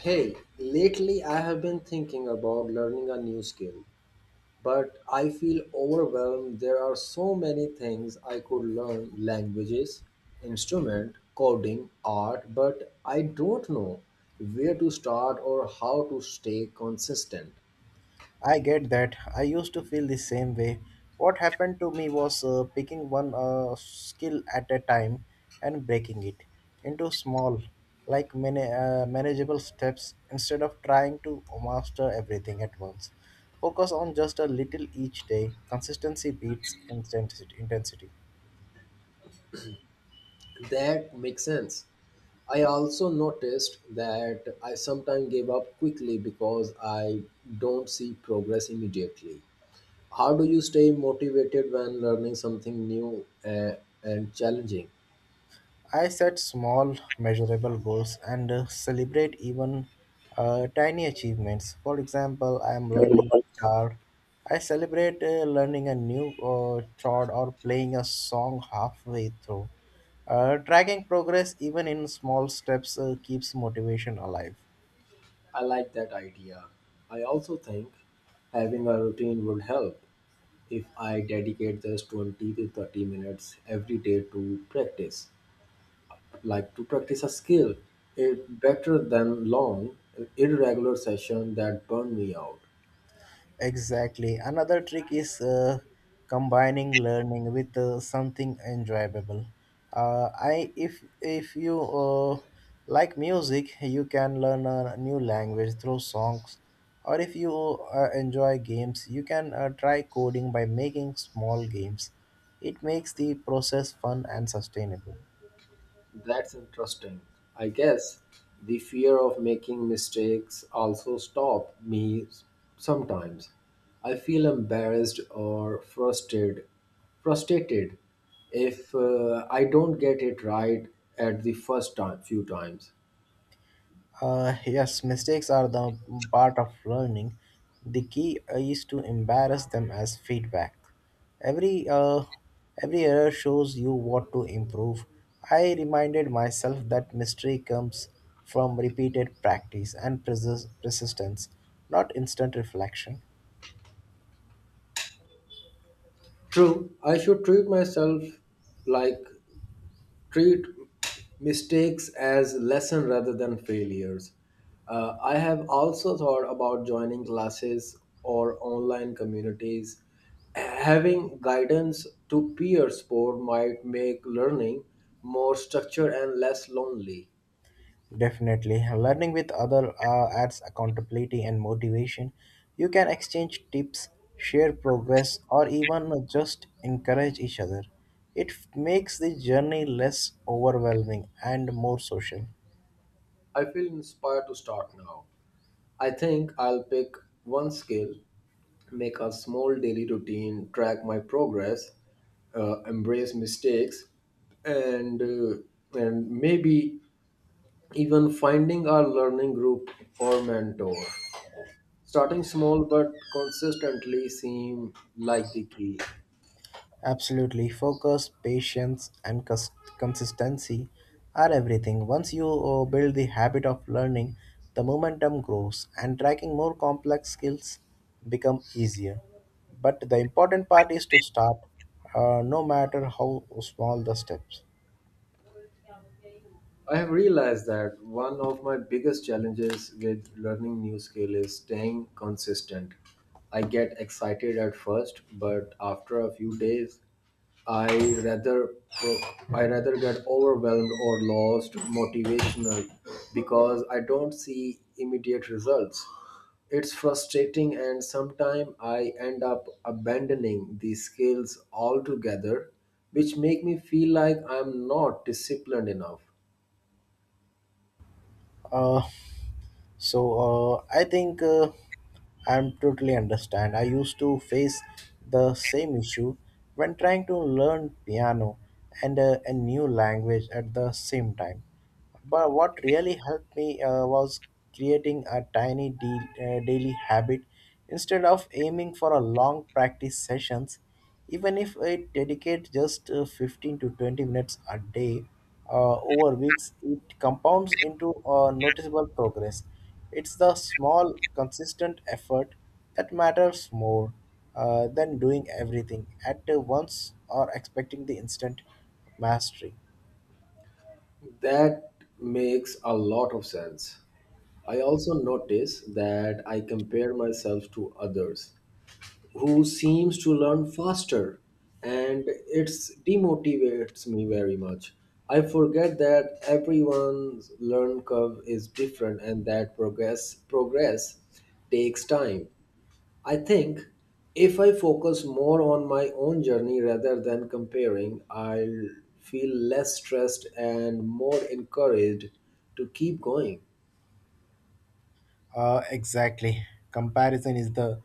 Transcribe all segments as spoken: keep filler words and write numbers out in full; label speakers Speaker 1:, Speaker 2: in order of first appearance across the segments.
Speaker 1: Hey, lately I have been thinking about learning a new skill, but I feel overwhelmed. There are so many things I could learn languages, instrument, coding, art, but I don't know where to start or how to stay consistent.
Speaker 2: I get that. I used to feel the same way. What happened to me was uh, picking one uh, skill at a time and breaking it into small, like many uh, manageable steps instead of trying to master everything at once. Focus on just a little each day. Consistency beats intensity. intensity.
Speaker 1: That makes sense. I also noticed that I sometimes give up quickly because I don't see progress immediately. How do you stay motivated when learning something new uh, and challenging?
Speaker 2: I set small, measurable goals and uh, celebrate even uh, tiny achievements. For example, I am learning guitar. I celebrate uh, learning a new uh, chord or playing a song halfway through. Uh, tracking progress, even in small steps, uh, keeps motivation alive.
Speaker 1: I like that idea. I also think having a routine would help if I dedicate just twenty to thirty minutes every day to practice. Like to practice a skill, it's better than long irregular session that burn me out.
Speaker 2: Exactly. Another trick is uh, combining learning with uh, something enjoyable. Uh, I if if you uh, like music, you can learn a new language through songs, or if you uh, enjoy games, you can uh, try coding by making small games. It makes the process fun and sustainable.
Speaker 1: That's interesting. I guess the fear of making mistakes also stop me sometimes. I feel embarrassed or frustrated frustrated if uh, I don't get it right at the first time few times.
Speaker 2: Uh, yes, mistakes are the part of learning. The key is to embarrass them as feedback. Every uh, every error shows you what to improve. I reminded myself that mystery comes from repeated practice and persis- persistence, not instant reflection.
Speaker 1: True, I should treat myself like treat mistakes as lesson rather than failures. Uh, I have also thought about joining classes or online communities. Having guidance to peer support might make learning more structured and less lonely.
Speaker 2: Definitely. Learning with other uh, adds accountability and motivation. You can exchange tips, share progress, or even just encourage each other. It f- makes the journey less overwhelming and more social.
Speaker 1: I feel inspired to start now. I think I'll pick one skill, make a small daily routine, track my progress, uh, embrace mistakes, and uh, and maybe even finding a learning group or mentor. Starting small but consistently seem like the key.
Speaker 2: Absolutely, focus, patience, and cons- consistency are everything. Once you uh, build the habit of learning, the momentum grows, and tracking more complex skills become easier. But the important part is to start, uh, no matter how small the steps.
Speaker 1: I have realized that one of my biggest challenges with learning new skill is staying consistent. I get excited at first, but after a few days, I rather pro- I rather get overwhelmed or lost motivational because I don't see immediate results. It's frustrating and sometimes I end up abandoning these skills altogether, which make me feel like I'm not disciplined enough.
Speaker 2: Uh, so uh, I think uh, I'm totally understand. I used to face the same issue when trying to learn piano and uh, a new language at the same time. But what really helped me uh, was creating a tiny de- uh, daily habit instead of aiming for a long practice sessions. Even if I dedicate just uh, fifteen to twenty minutes a day, uh, over weeks, it compounds into a noticeable progress. It's the small, consistent effort that matters more uh, than doing everything at once or expecting the instant mastery.
Speaker 1: That makes a lot of sense. I also notice that I compare myself to others who seems to learn faster and it's demotivates me very much. I forget that everyone's learn curve is different and that progress progress takes time. I think if I focus more on my own journey rather than comparing, I'll feel less stressed and more encouraged to keep going.
Speaker 2: Uh, exactly. Comparison is the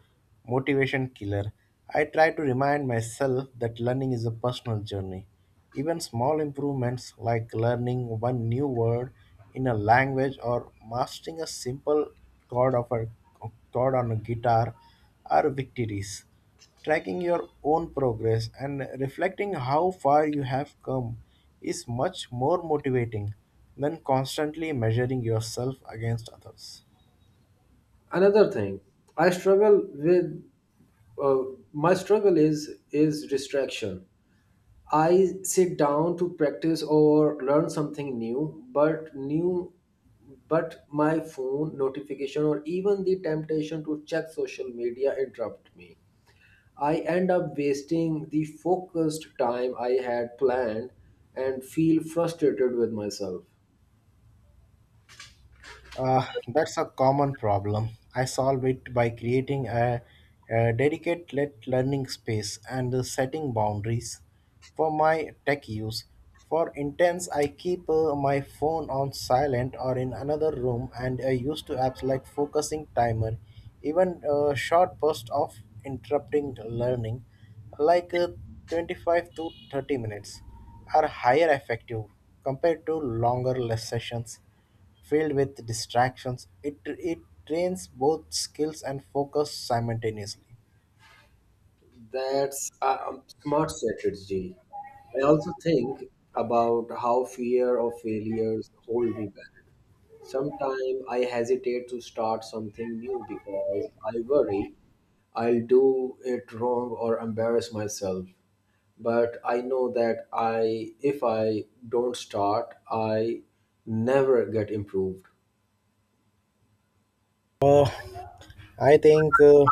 Speaker 2: motivation killer. I try to remind myself that learning is a personal journey. Even small improvements like learning one new word in a language or mastering a simple chord of a chord on a guitar are victories. Tracking your own progress and reflecting how far you have come is much more motivating than constantly measuring yourself against others.
Speaker 1: Another thing I struggle with uh, my struggle is is distraction. I sit down to practice or learn something new, but new but my phone notification or even the temptation to check social media interrupt me. I end up wasting the focused time I had planned and feel frustrated with myself.
Speaker 2: Uh, that's a common problem. I solve it by creating a, a dedicated let- learning space and setting boundaries for my tech use. For intense, I keep uh, my phone on silent or in another room and I use to apps like focusing timer, even a short burst of interrupting learning, like uh, twenty-five to thirty minutes, are higher effective compared to longer less sessions. Filled with distractions, it, it trains both skills and focus simultaneously.
Speaker 1: That's a a smart strategy. I also think about how fear of failures hold me back. Sometimes I hesitate to start something new because I worry I'll do it wrong or embarrass myself. But I know that I if I don't start, I never get improved.
Speaker 2: Uh, I think. Uh,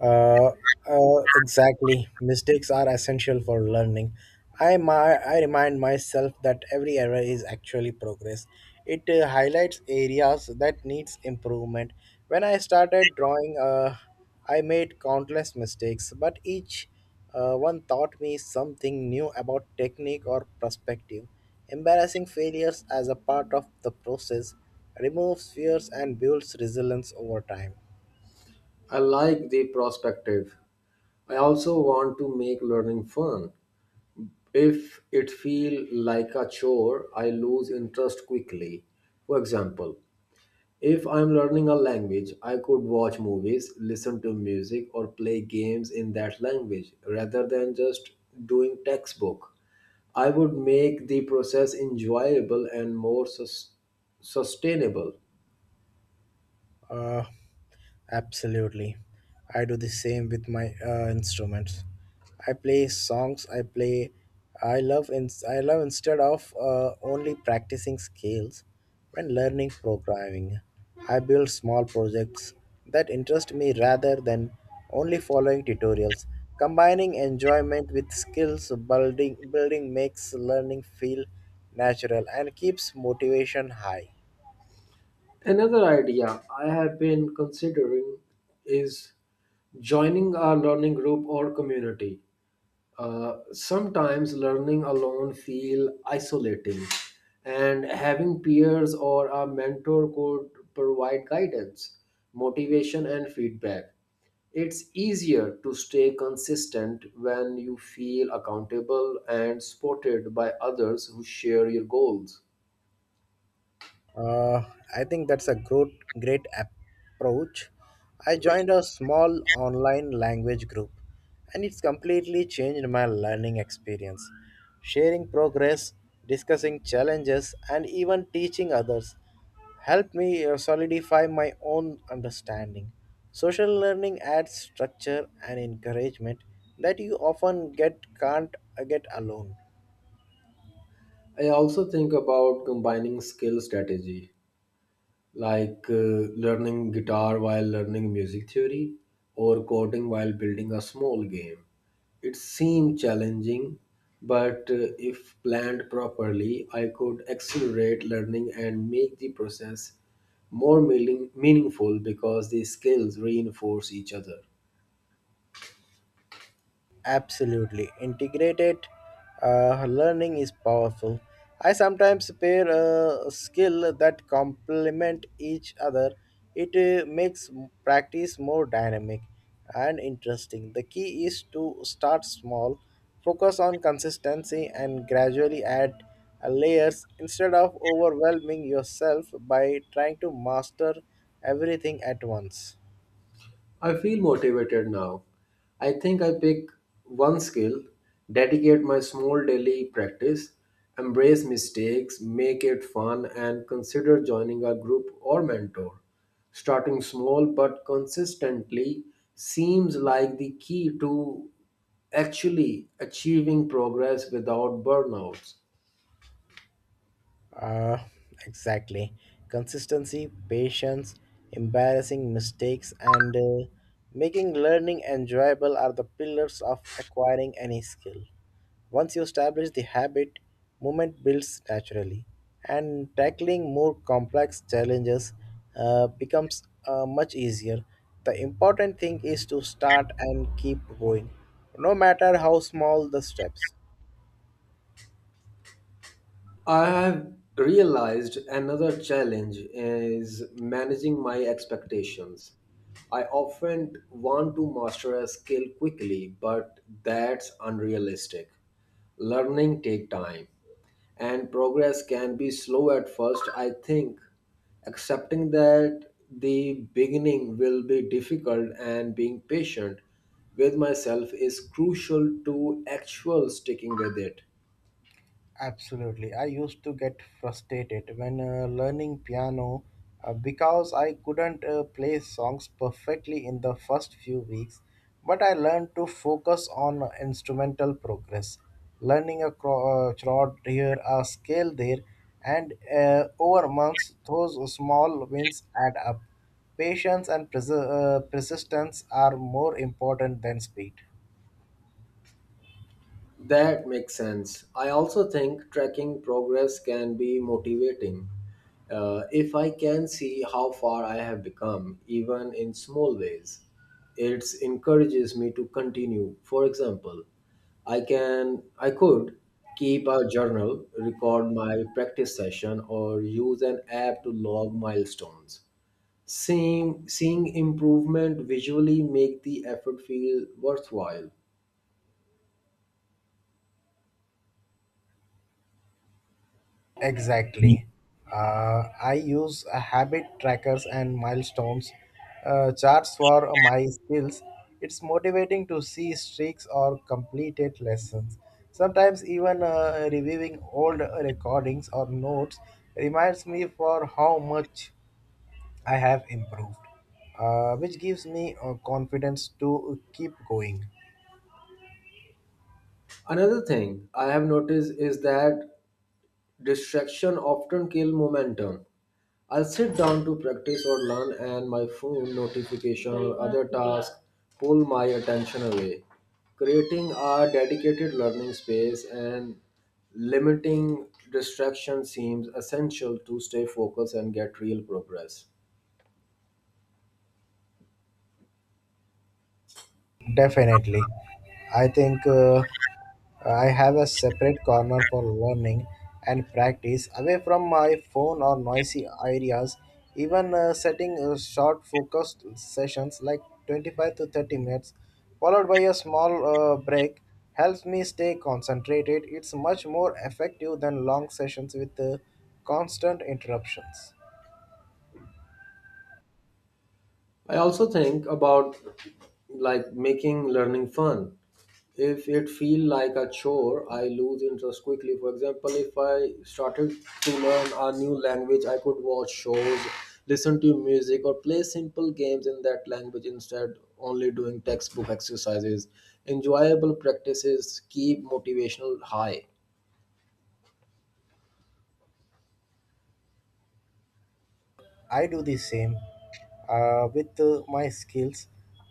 Speaker 2: Uh, uh, exactly. Mistakes are essential for learning. I, my, I remind myself that every error is actually progress. It uh, highlights areas that needs improvement. When I started drawing, uh, I made countless mistakes, but each uh, one taught me something new about technique or perspective. Embarrassing failures as a part of the process removes fears and builds resilience over time.
Speaker 1: I like the perspective. I also want to make learning fun. If it feels like a chore, I lose interest quickly. For example, if I'm learning a language, I could watch movies, listen to music, or play games in that language rather than just doing textbook. I would make the process enjoyable and more sus- sustainable.
Speaker 2: Uh, Absolutely. I do the same with my uh, instruments. I play songs. I play. I love. In, I love instead of uh, only practicing scales. When learning programming, I build small projects that interest me rather than only following tutorials. Combining enjoyment with skills building building makes learning feel natural and keeps motivation high.
Speaker 1: Another idea I have been considering is joining a learning group or community. Uh, sometimes learning alone feel isolating, and having peers or a mentor could provide guidance, motivation, and feedback. It's easier to stay consistent when you feel accountable and supported by others who share your goals.
Speaker 2: Uh, I think that's a great, great approach. I joined a small online language group and it's completely changed my learning experience. Sharing progress, discussing challenges, and even teaching others helped me uh, solidify my own understanding. Social learning adds structure and encouragement that you often get can't uh, get alone.
Speaker 1: I also think about combining skill strategy, like uh, learning guitar while learning music theory or coding while building a small game. It seemed challenging, but uh, if planned properly, I could accelerate learning and make the process more meaning- meaningful because the skills reinforce each other.
Speaker 2: Absolutely. Integrated uh, learning is powerful. I sometimes pair a skill that complement each other. It uh, makes practice more dynamic and interesting. The key is to start small, focus on consistency, and gradually add uh, layers instead of overwhelming yourself by trying to master everything at once.
Speaker 1: I feel motivated now. I think I pick one skill, dedicate my small daily practice, embrace mistakes, make it fun, and consider joining a group or mentor. Starting small but consistently seems like the key to actually achieving progress without burnouts.
Speaker 2: Uh, exactly. Consistency, patience, embarrassing mistakes, and uh, making learning enjoyable are the pillars of acquiring any skill. Once you establish the habit, movement builds naturally, and tackling more complex challenges uh, becomes uh, much easier. The important thing is to start and keep going, no matter how small the steps.
Speaker 1: I have realized another challenge is managing my expectations. I often want to master a skill quickly, but that's unrealistic. Learning take time and progress can be slow at first. I think accepting that the beginning will be difficult and being patient with myself is crucial to actual sticking with it.
Speaker 2: Absolutely. I used to get frustrated when uh, learning piano uh, because I couldn't uh, play songs perfectly in the first few weeks, but I learned to focus on instrumental progress, learning a chord uh, chord here, a scale there, and uh, over months, those small wins add up. Patience and perse- uh, persistence are more important than speed.
Speaker 1: That makes sense. I also think tracking progress can be motivating. Uh, if I can see how far I have become, even in small ways, it encourages me to continue. For example, I can I could keep a journal, record my practice session, or use an app to log milestones. Seeing seeing improvement visually make the effort feel worthwhile.
Speaker 2: Exactly. Uh, I use a habit trackers and milestones uh, charts for my skills. It's motivating to see streaks or completed lessons. Sometimes even uh, reviewing old recordings or notes reminds me for how much I have improved, uh, which gives me uh, confidence to keep going.
Speaker 1: Another thing I have noticed is that distraction often kill momentum. I'll sit down to practice or learn and my phone notification or other task pull my attention away. Creating a dedicated learning space and limiting distraction seems essential to stay focused and get real progress.
Speaker 2: Definitely. I think uh, I have a separate corner for learning and practice away from my phone or noisy areas. Even uh, setting uh, short focused sessions like twenty-five to thirty minutes, followed by a small uh, break, helps me stay concentrated. It's much more effective than long sessions with uh, constant interruptions.
Speaker 1: I also think about like making learning fun. If it feel like a chore, I lose interest quickly. For example, if I started to learn a new language, I could watch shows, listen to music, or play simple games in that language instead only doing textbook exercises. Enjoyable practices keep motivational high.
Speaker 2: I do the same uh, with uh, my skills.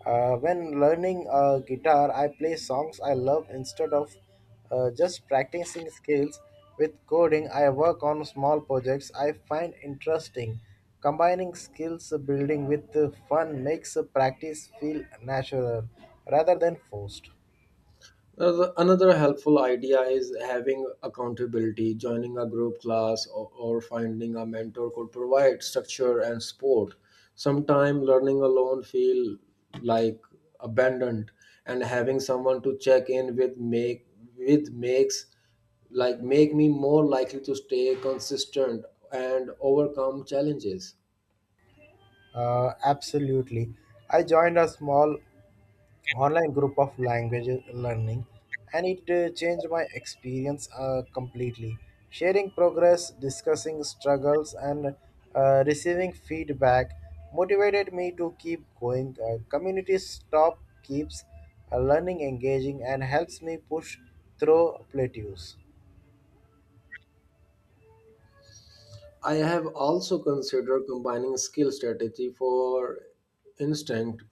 Speaker 2: Uh, when learning uh, guitar, I play songs I love instead of uh, just practicing skills. With coding, I work on small projects I find interesting. Combining skills building with uh, fun makes uh, practice feel natural rather than forced.
Speaker 1: Another another helpful idea is having accountability. Joining a group class or, or finding a mentor could provide structure and support. Sometimes learning alone feel like abandoned, and having someone to check in with make with makes like make me more likely to stay consistent and overcome challenges.
Speaker 2: Uh, absolutely. I joined a small online group of language learning and it uh, changed my experience uh, completely. Sharing progress, discussing struggles, and uh, receiving feedback motivated me to keep going. Uh, community stop keeps uh, learning engaging and helps me push through plateaus.
Speaker 1: I have also considered combining skill strategy for instinct,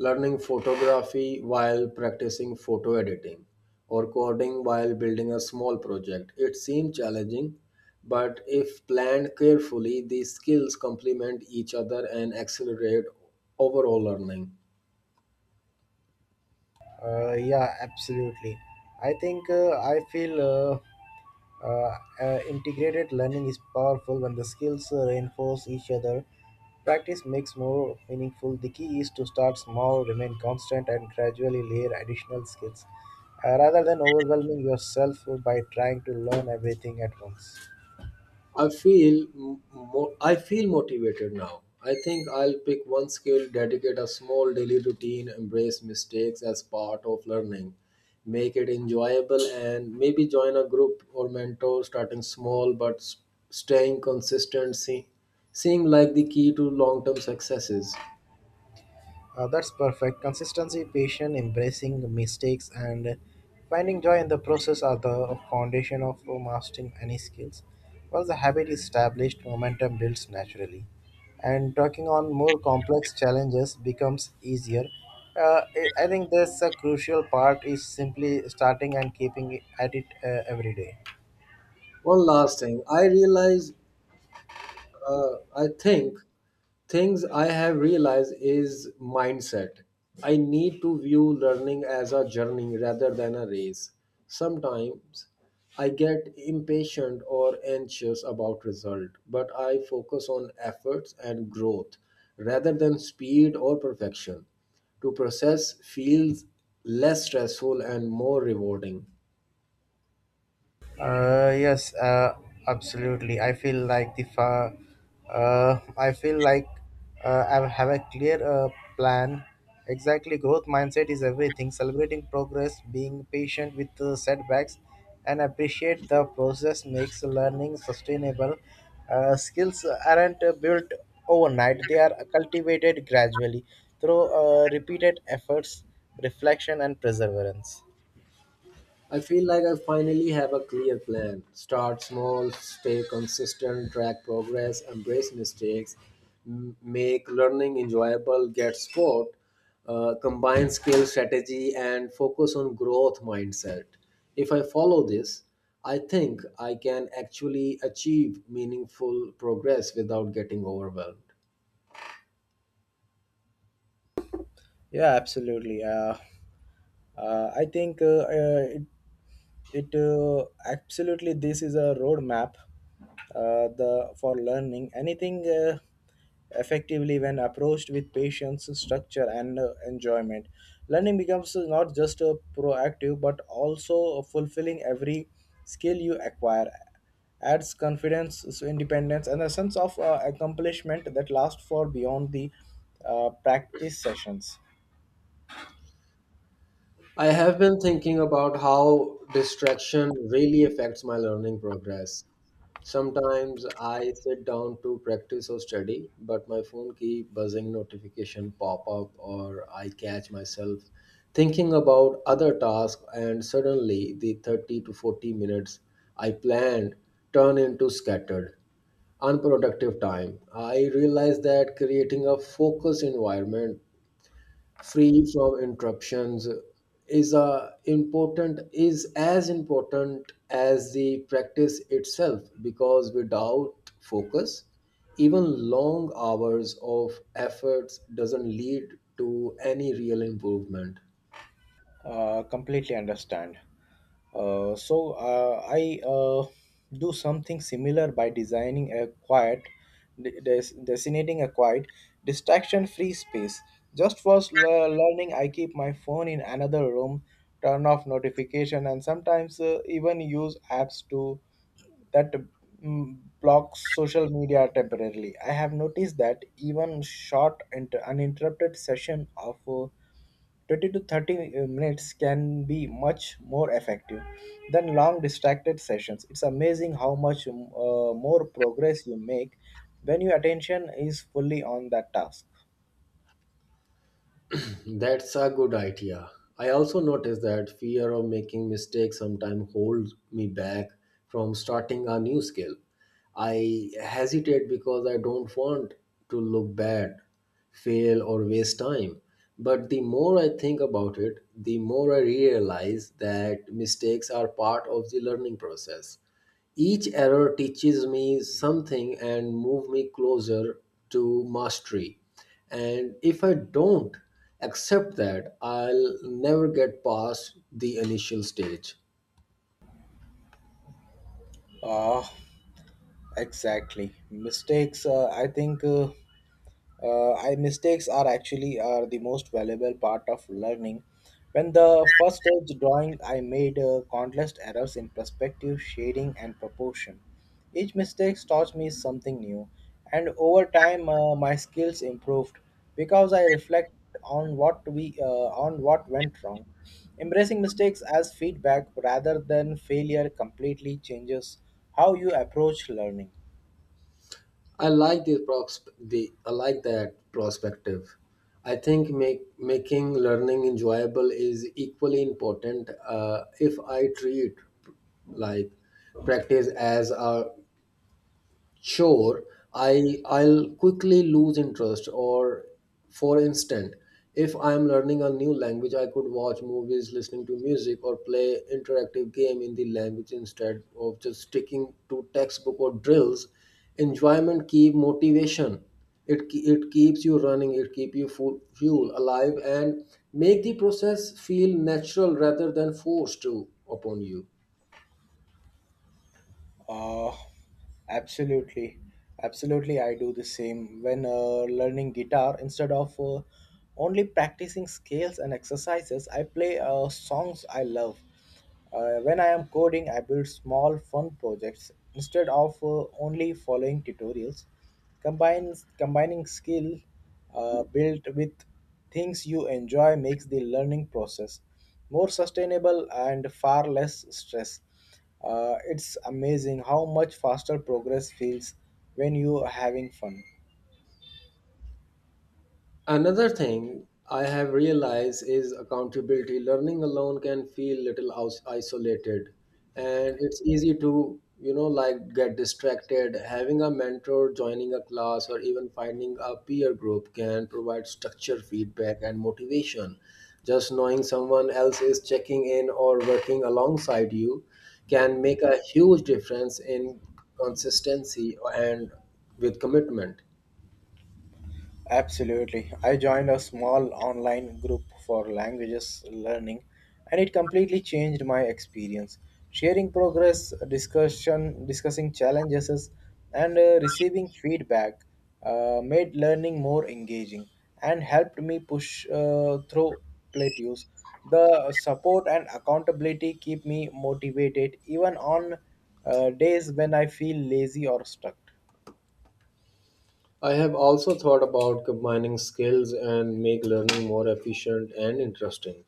Speaker 1: learning photography while practicing photo editing, or coding while building a small project. It seems challenging, but if planned carefully, these skills complement each other and accelerate overall learning.
Speaker 2: Uh, yeah, absolutely. I think uh, I feel uh, uh, uh, integrated learning is powerful when the skills uh, reinforce each other. Practice makes more meaningful. The key is to start small, remain constant, and gradually layer additional skills uh, rather than overwhelming yourself by trying to learn everything at once.
Speaker 1: I feel m- mo- I feel motivated now. I think I'll pick one skill, dedicate a small daily routine, embrace mistakes as part of learning, make it enjoyable, and maybe join a group or mentor. Starting small but s- staying consistent se- seem like the key to long-term successes.
Speaker 2: Uh, that's perfect. Consistency, patience, embracing mistakes, and finding joy in the process are the foundation of mastering any skills. Once the habit is established, momentum builds naturally. And talking on more complex challenges becomes easier. Uh, I I think that's a crucial part is simply starting and keeping at it uh, every day.
Speaker 1: One last thing, I realize uh, I think things I have realized is mindset. I need to view learning as a journey rather than a race. Sometimes I get impatient or anxious about result, but I focus on efforts and growth rather than speed or perfection. To process feels less stressful and more rewarding.
Speaker 2: Uh, yes, uh, absolutely. I feel like the fa- uh, I feel like uh, I have a clear uh, plan. Exactly, growth mindset is everything. Celebrating progress, being patient with uh, setbacks, and appreciate the process makes learning sustainable. Uh, skills aren't uh, built overnight; they are cultivated gradually through uh, repeated efforts, reflection, and perseverance.
Speaker 1: I feel like I finally have a clear plan. Start small, stay consistent, track progress, embrace mistakes, m- make learning enjoyable, get sport, uh, combine skill strategy, and focus on growth mindset. If I follow this, I think I can actually achieve meaningful progress without getting overwhelmed.
Speaker 2: Yeah, absolutely. Uh, uh, I think uh, uh, it it uh, absolutely this is a roadmap uh, the for learning anything uh, effectively when approached with patience, structure, and uh, enjoyment. Learning becomes not just a proactive but also fulfilling. Every skill you acquire adds confidence, so independence, and a sense of uh, accomplishment that lasts for beyond the uh, practice sessions.
Speaker 1: I have been thinking about how distraction really affects my learning progress. Sometimes I sit down to practice or study, but my phone keep buzzing notification pop up or I catch myself thinking about other tasks and suddenly the thirty to forty minutes I planned turn into scattered unproductive time. I realized that creating a focused environment free from interruptions is a important is as important as the practice itself because without focus even long hours of efforts doesn't lead to any real improvement.
Speaker 2: Uh, completely understand. Uh, so uh, I uh, do something similar by designing a quiet, de- des- designating a quiet, distraction-free space. Just for s- le- learning, I keep my phone in another room, turn off notification, and sometimes uh, even use apps to that mm, block social media temporarily. I have noticed that even short, inter- uninterrupted session of uh, twenty to thirty uh, minutes can be much more effective than long distracted sessions. It's amazing how much um, uh, more progress you make when your attention is fully on that task.
Speaker 1: That's a good idea. I also noticed that fear of making mistakes sometimes holds me back from starting a new skill. I hesitate because I don't want to look bad, fail, or waste time. But the more I think about it, the more I realize that mistakes are part of the learning process. Each error teaches me something and move me closer to mastery. And if I don't accept that, I'll never get past the initial stage.
Speaker 2: Ah, exactly. Mistakes, uh, I think. Uh, uh, I Mistakes are actually are the most valuable part of learning. When the first stage drawing, I made uh, countless errors in perspective, shading, and proportion. Each mistake taught me something new, and over time, uh, my skills improved because I reflect on what we uh, on what went wrong. Embracing mistakes as feedback rather than failure completely changes how you approach learning.
Speaker 1: I like the, prox- the I like that perspective. I think make, making learning enjoyable is equally important. Uh, if I treat like practice as a sure, I I'll quickly lose interest. Or for instance, if I'm learning a new language, I could watch movies, listening to music, or play interactive game in the language instead of just sticking to textbook or drills. Enjoyment keep motivation. It ke- it keeps you running, it keep you full fuel alive and make the process feel natural rather than forced to upon you.
Speaker 2: Uh, absolutely. Absolutely, I do the same. When uh, learning guitar, instead of uh, only practicing scales and exercises, I play uh, songs I love. Uh, when I am coding, I build small fun projects instead of uh, only following tutorials. Combines, combining skill uh, built with things you enjoy makes the learning process more sustainable and far less stress. Uh, it's amazing how much faster progress feels when you are having fun.
Speaker 1: Another thing I have realized is accountability. Learning alone can feel little aus- isolated and it's easy to, you know, like get distracted. Having a mentor, joining a class, or even finding a peer group can provide structure, feedback, and motivation. Just knowing someone else is checking in or working alongside you can make a huge difference in consistency and with commitment.
Speaker 2: Absolutely. I joined a small online group for languages learning and it completely changed my experience. Sharing progress, discussion, discussing challenges and uh, receiving feedback uh, made learning more engaging and helped me push uh, through plateaus. The support and accountability keep me motivated even on uh, days when I feel lazy or stuck.
Speaker 1: I have also thought about combining skills and make learning more efficient and interesting.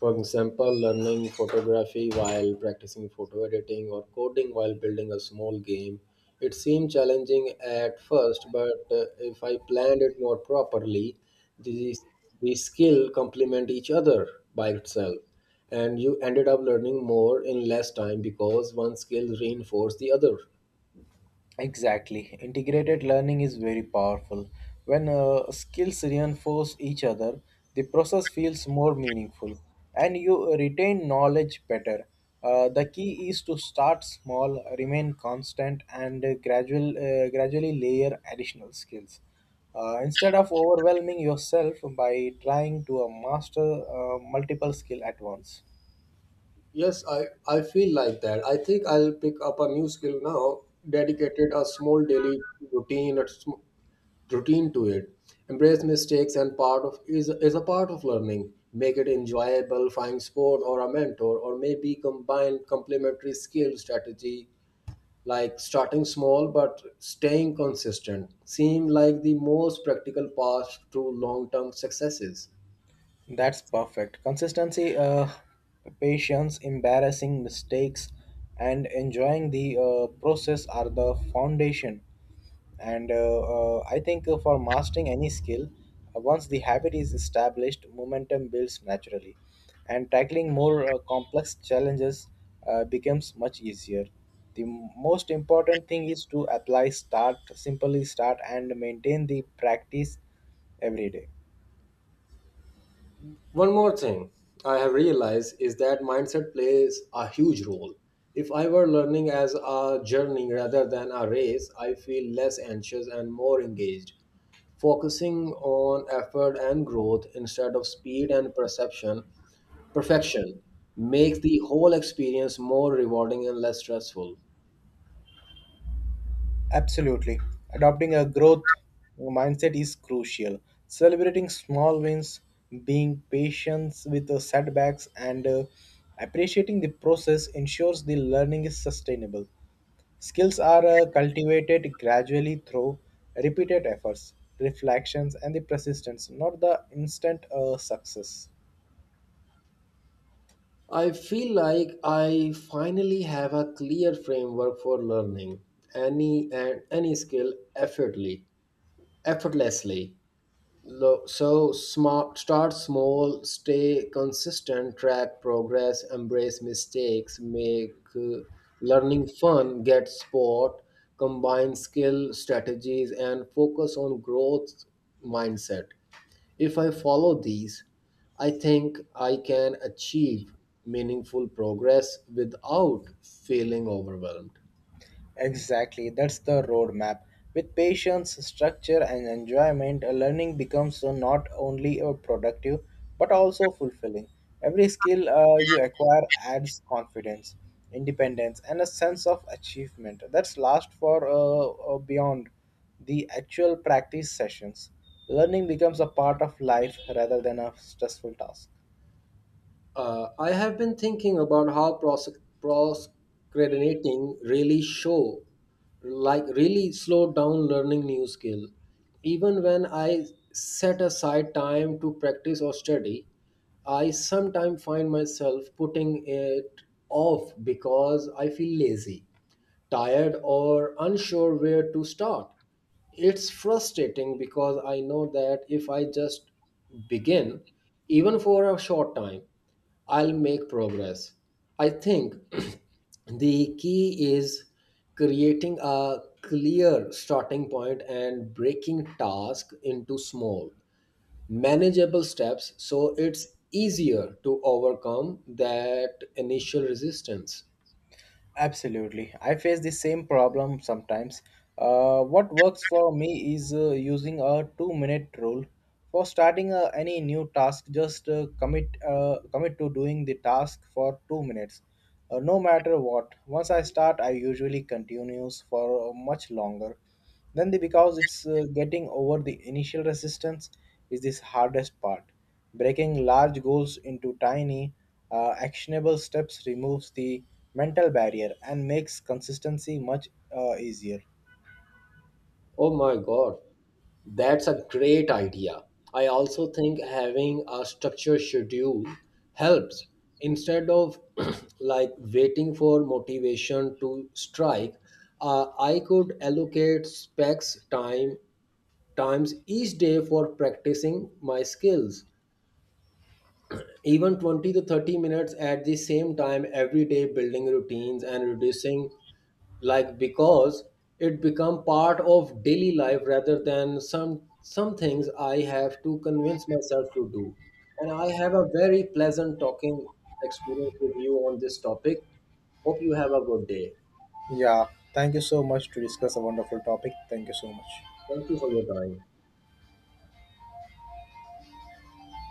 Speaker 1: For example, learning photography while practicing photo editing or coding while building a small game. It seemed challenging at first, but uh, if I planned it more properly, these the skill complement each other by itself and you ended up learning more in less time because one skill reinforced the other.
Speaker 2: Exactly. Integrated learning is very powerful. When uh, skills reinforce each other, the process feels more meaningful and you retain knowledge better. Uh, the key is to start small, remain constant, and uh, gradual, uh, gradually layer additional skills. Uh, instead of overwhelming yourself by trying to uh, master uh, multiple skill at once.
Speaker 1: Yes, I, I feel like that. I think I'll pick up a new skill now, dedicated a small daily routine a sm- routine to it. Embrace mistakes and part of is is a part of learning. Make it enjoyable, find sport or a mentor, or maybe combine complementary skill strategy like starting small but staying consistent. Seem like the most practical path to long term successes.
Speaker 2: That's perfect. Consistency, uh, patience, embarrassing mistakes, and enjoying the uh, process are the foundation. And uh, uh, I think uh, for mastering any skill, uh, once the habit is established, momentum builds naturally, and tackling more uh, complex challenges uh, becomes much easier. The m- most important thing is to apply, start, simply start, and maintain the practice every day.
Speaker 1: One more thing I have realized is that mindset plays a huge role. If I were learning as a journey rather than a race, I feel less anxious and more engaged. Focusing on effort and growth instead of speed and perception, perfection makes the whole experience more rewarding and less stressful.
Speaker 2: Absolutely. Adopting a growth mindset is crucial. Celebrating small wins, being patient with the setbacks, and uh, appreciating the process ensures the learning is sustainable. Skills are uh, cultivated gradually through repeated efforts, reflections, and the persistence, not the instant uh, success.
Speaker 1: I feel like I finally have a clear framework for learning any and any skill effortly, effortlessly. Lo- So smart, start small, stay consistent, track progress, embrace mistakes, make uh, learning fun, get sport, combine skill, strategies, and focus on growth mindset. If I follow these, I think I can achieve meaningful progress without feeling overwhelmed.
Speaker 2: Exactly, that's the roadmap. With patience, structure, and enjoyment, a learning becomes uh, not only uh, productive but also fulfilling. Every skill uh, you acquire adds confidence, independence, and a sense of achievement that's last for uh, uh, beyond the actual practice sessions. Learning becomes a part of life rather than a stressful task.
Speaker 1: Uh, I have been thinking about how prosec- procrastinating really show, like really slow down learning new skill. Even when I set aside time to practice or study, I sometimes find myself putting it off because I feel lazy, tired, or unsure where to start. It's frustrating because I know that if I just begin, even for a short time, I'll make progress. I think the key is creating a clear starting point and breaking task into small, manageable steps so it's easier to overcome that initial resistance.
Speaker 2: Absolutely. I face the same problem sometimes. Uh, what works for me is uh, using a two minute rule. For starting uh, any new task, just uh, commit, uh, commit to doing the task for two minutes, uh, no matter what. Once I start, I usually continues for uh, much longer then the because it's uh, getting over the initial resistance is this hardest part. Breaking large goals into tiny uh, actionable steps removes the mental barrier and makes consistency much uh, easier.
Speaker 1: Oh my God, that's a great idea. I also think having a structured schedule helps. Instead of like waiting for motivation to strike, uh, I could allocate specs time times each day for practicing my skills. Even twenty to thirty minutes at the same time every day building routines and reducing like because it become part of daily life rather than some some things I have to convince myself to do. And I have a very pleasant talking experience with you on this topic. Hope you have a good day.
Speaker 2: Yeah, thank you so much to discuss a wonderful topic. Thank you so much.
Speaker 1: Thank you for your time.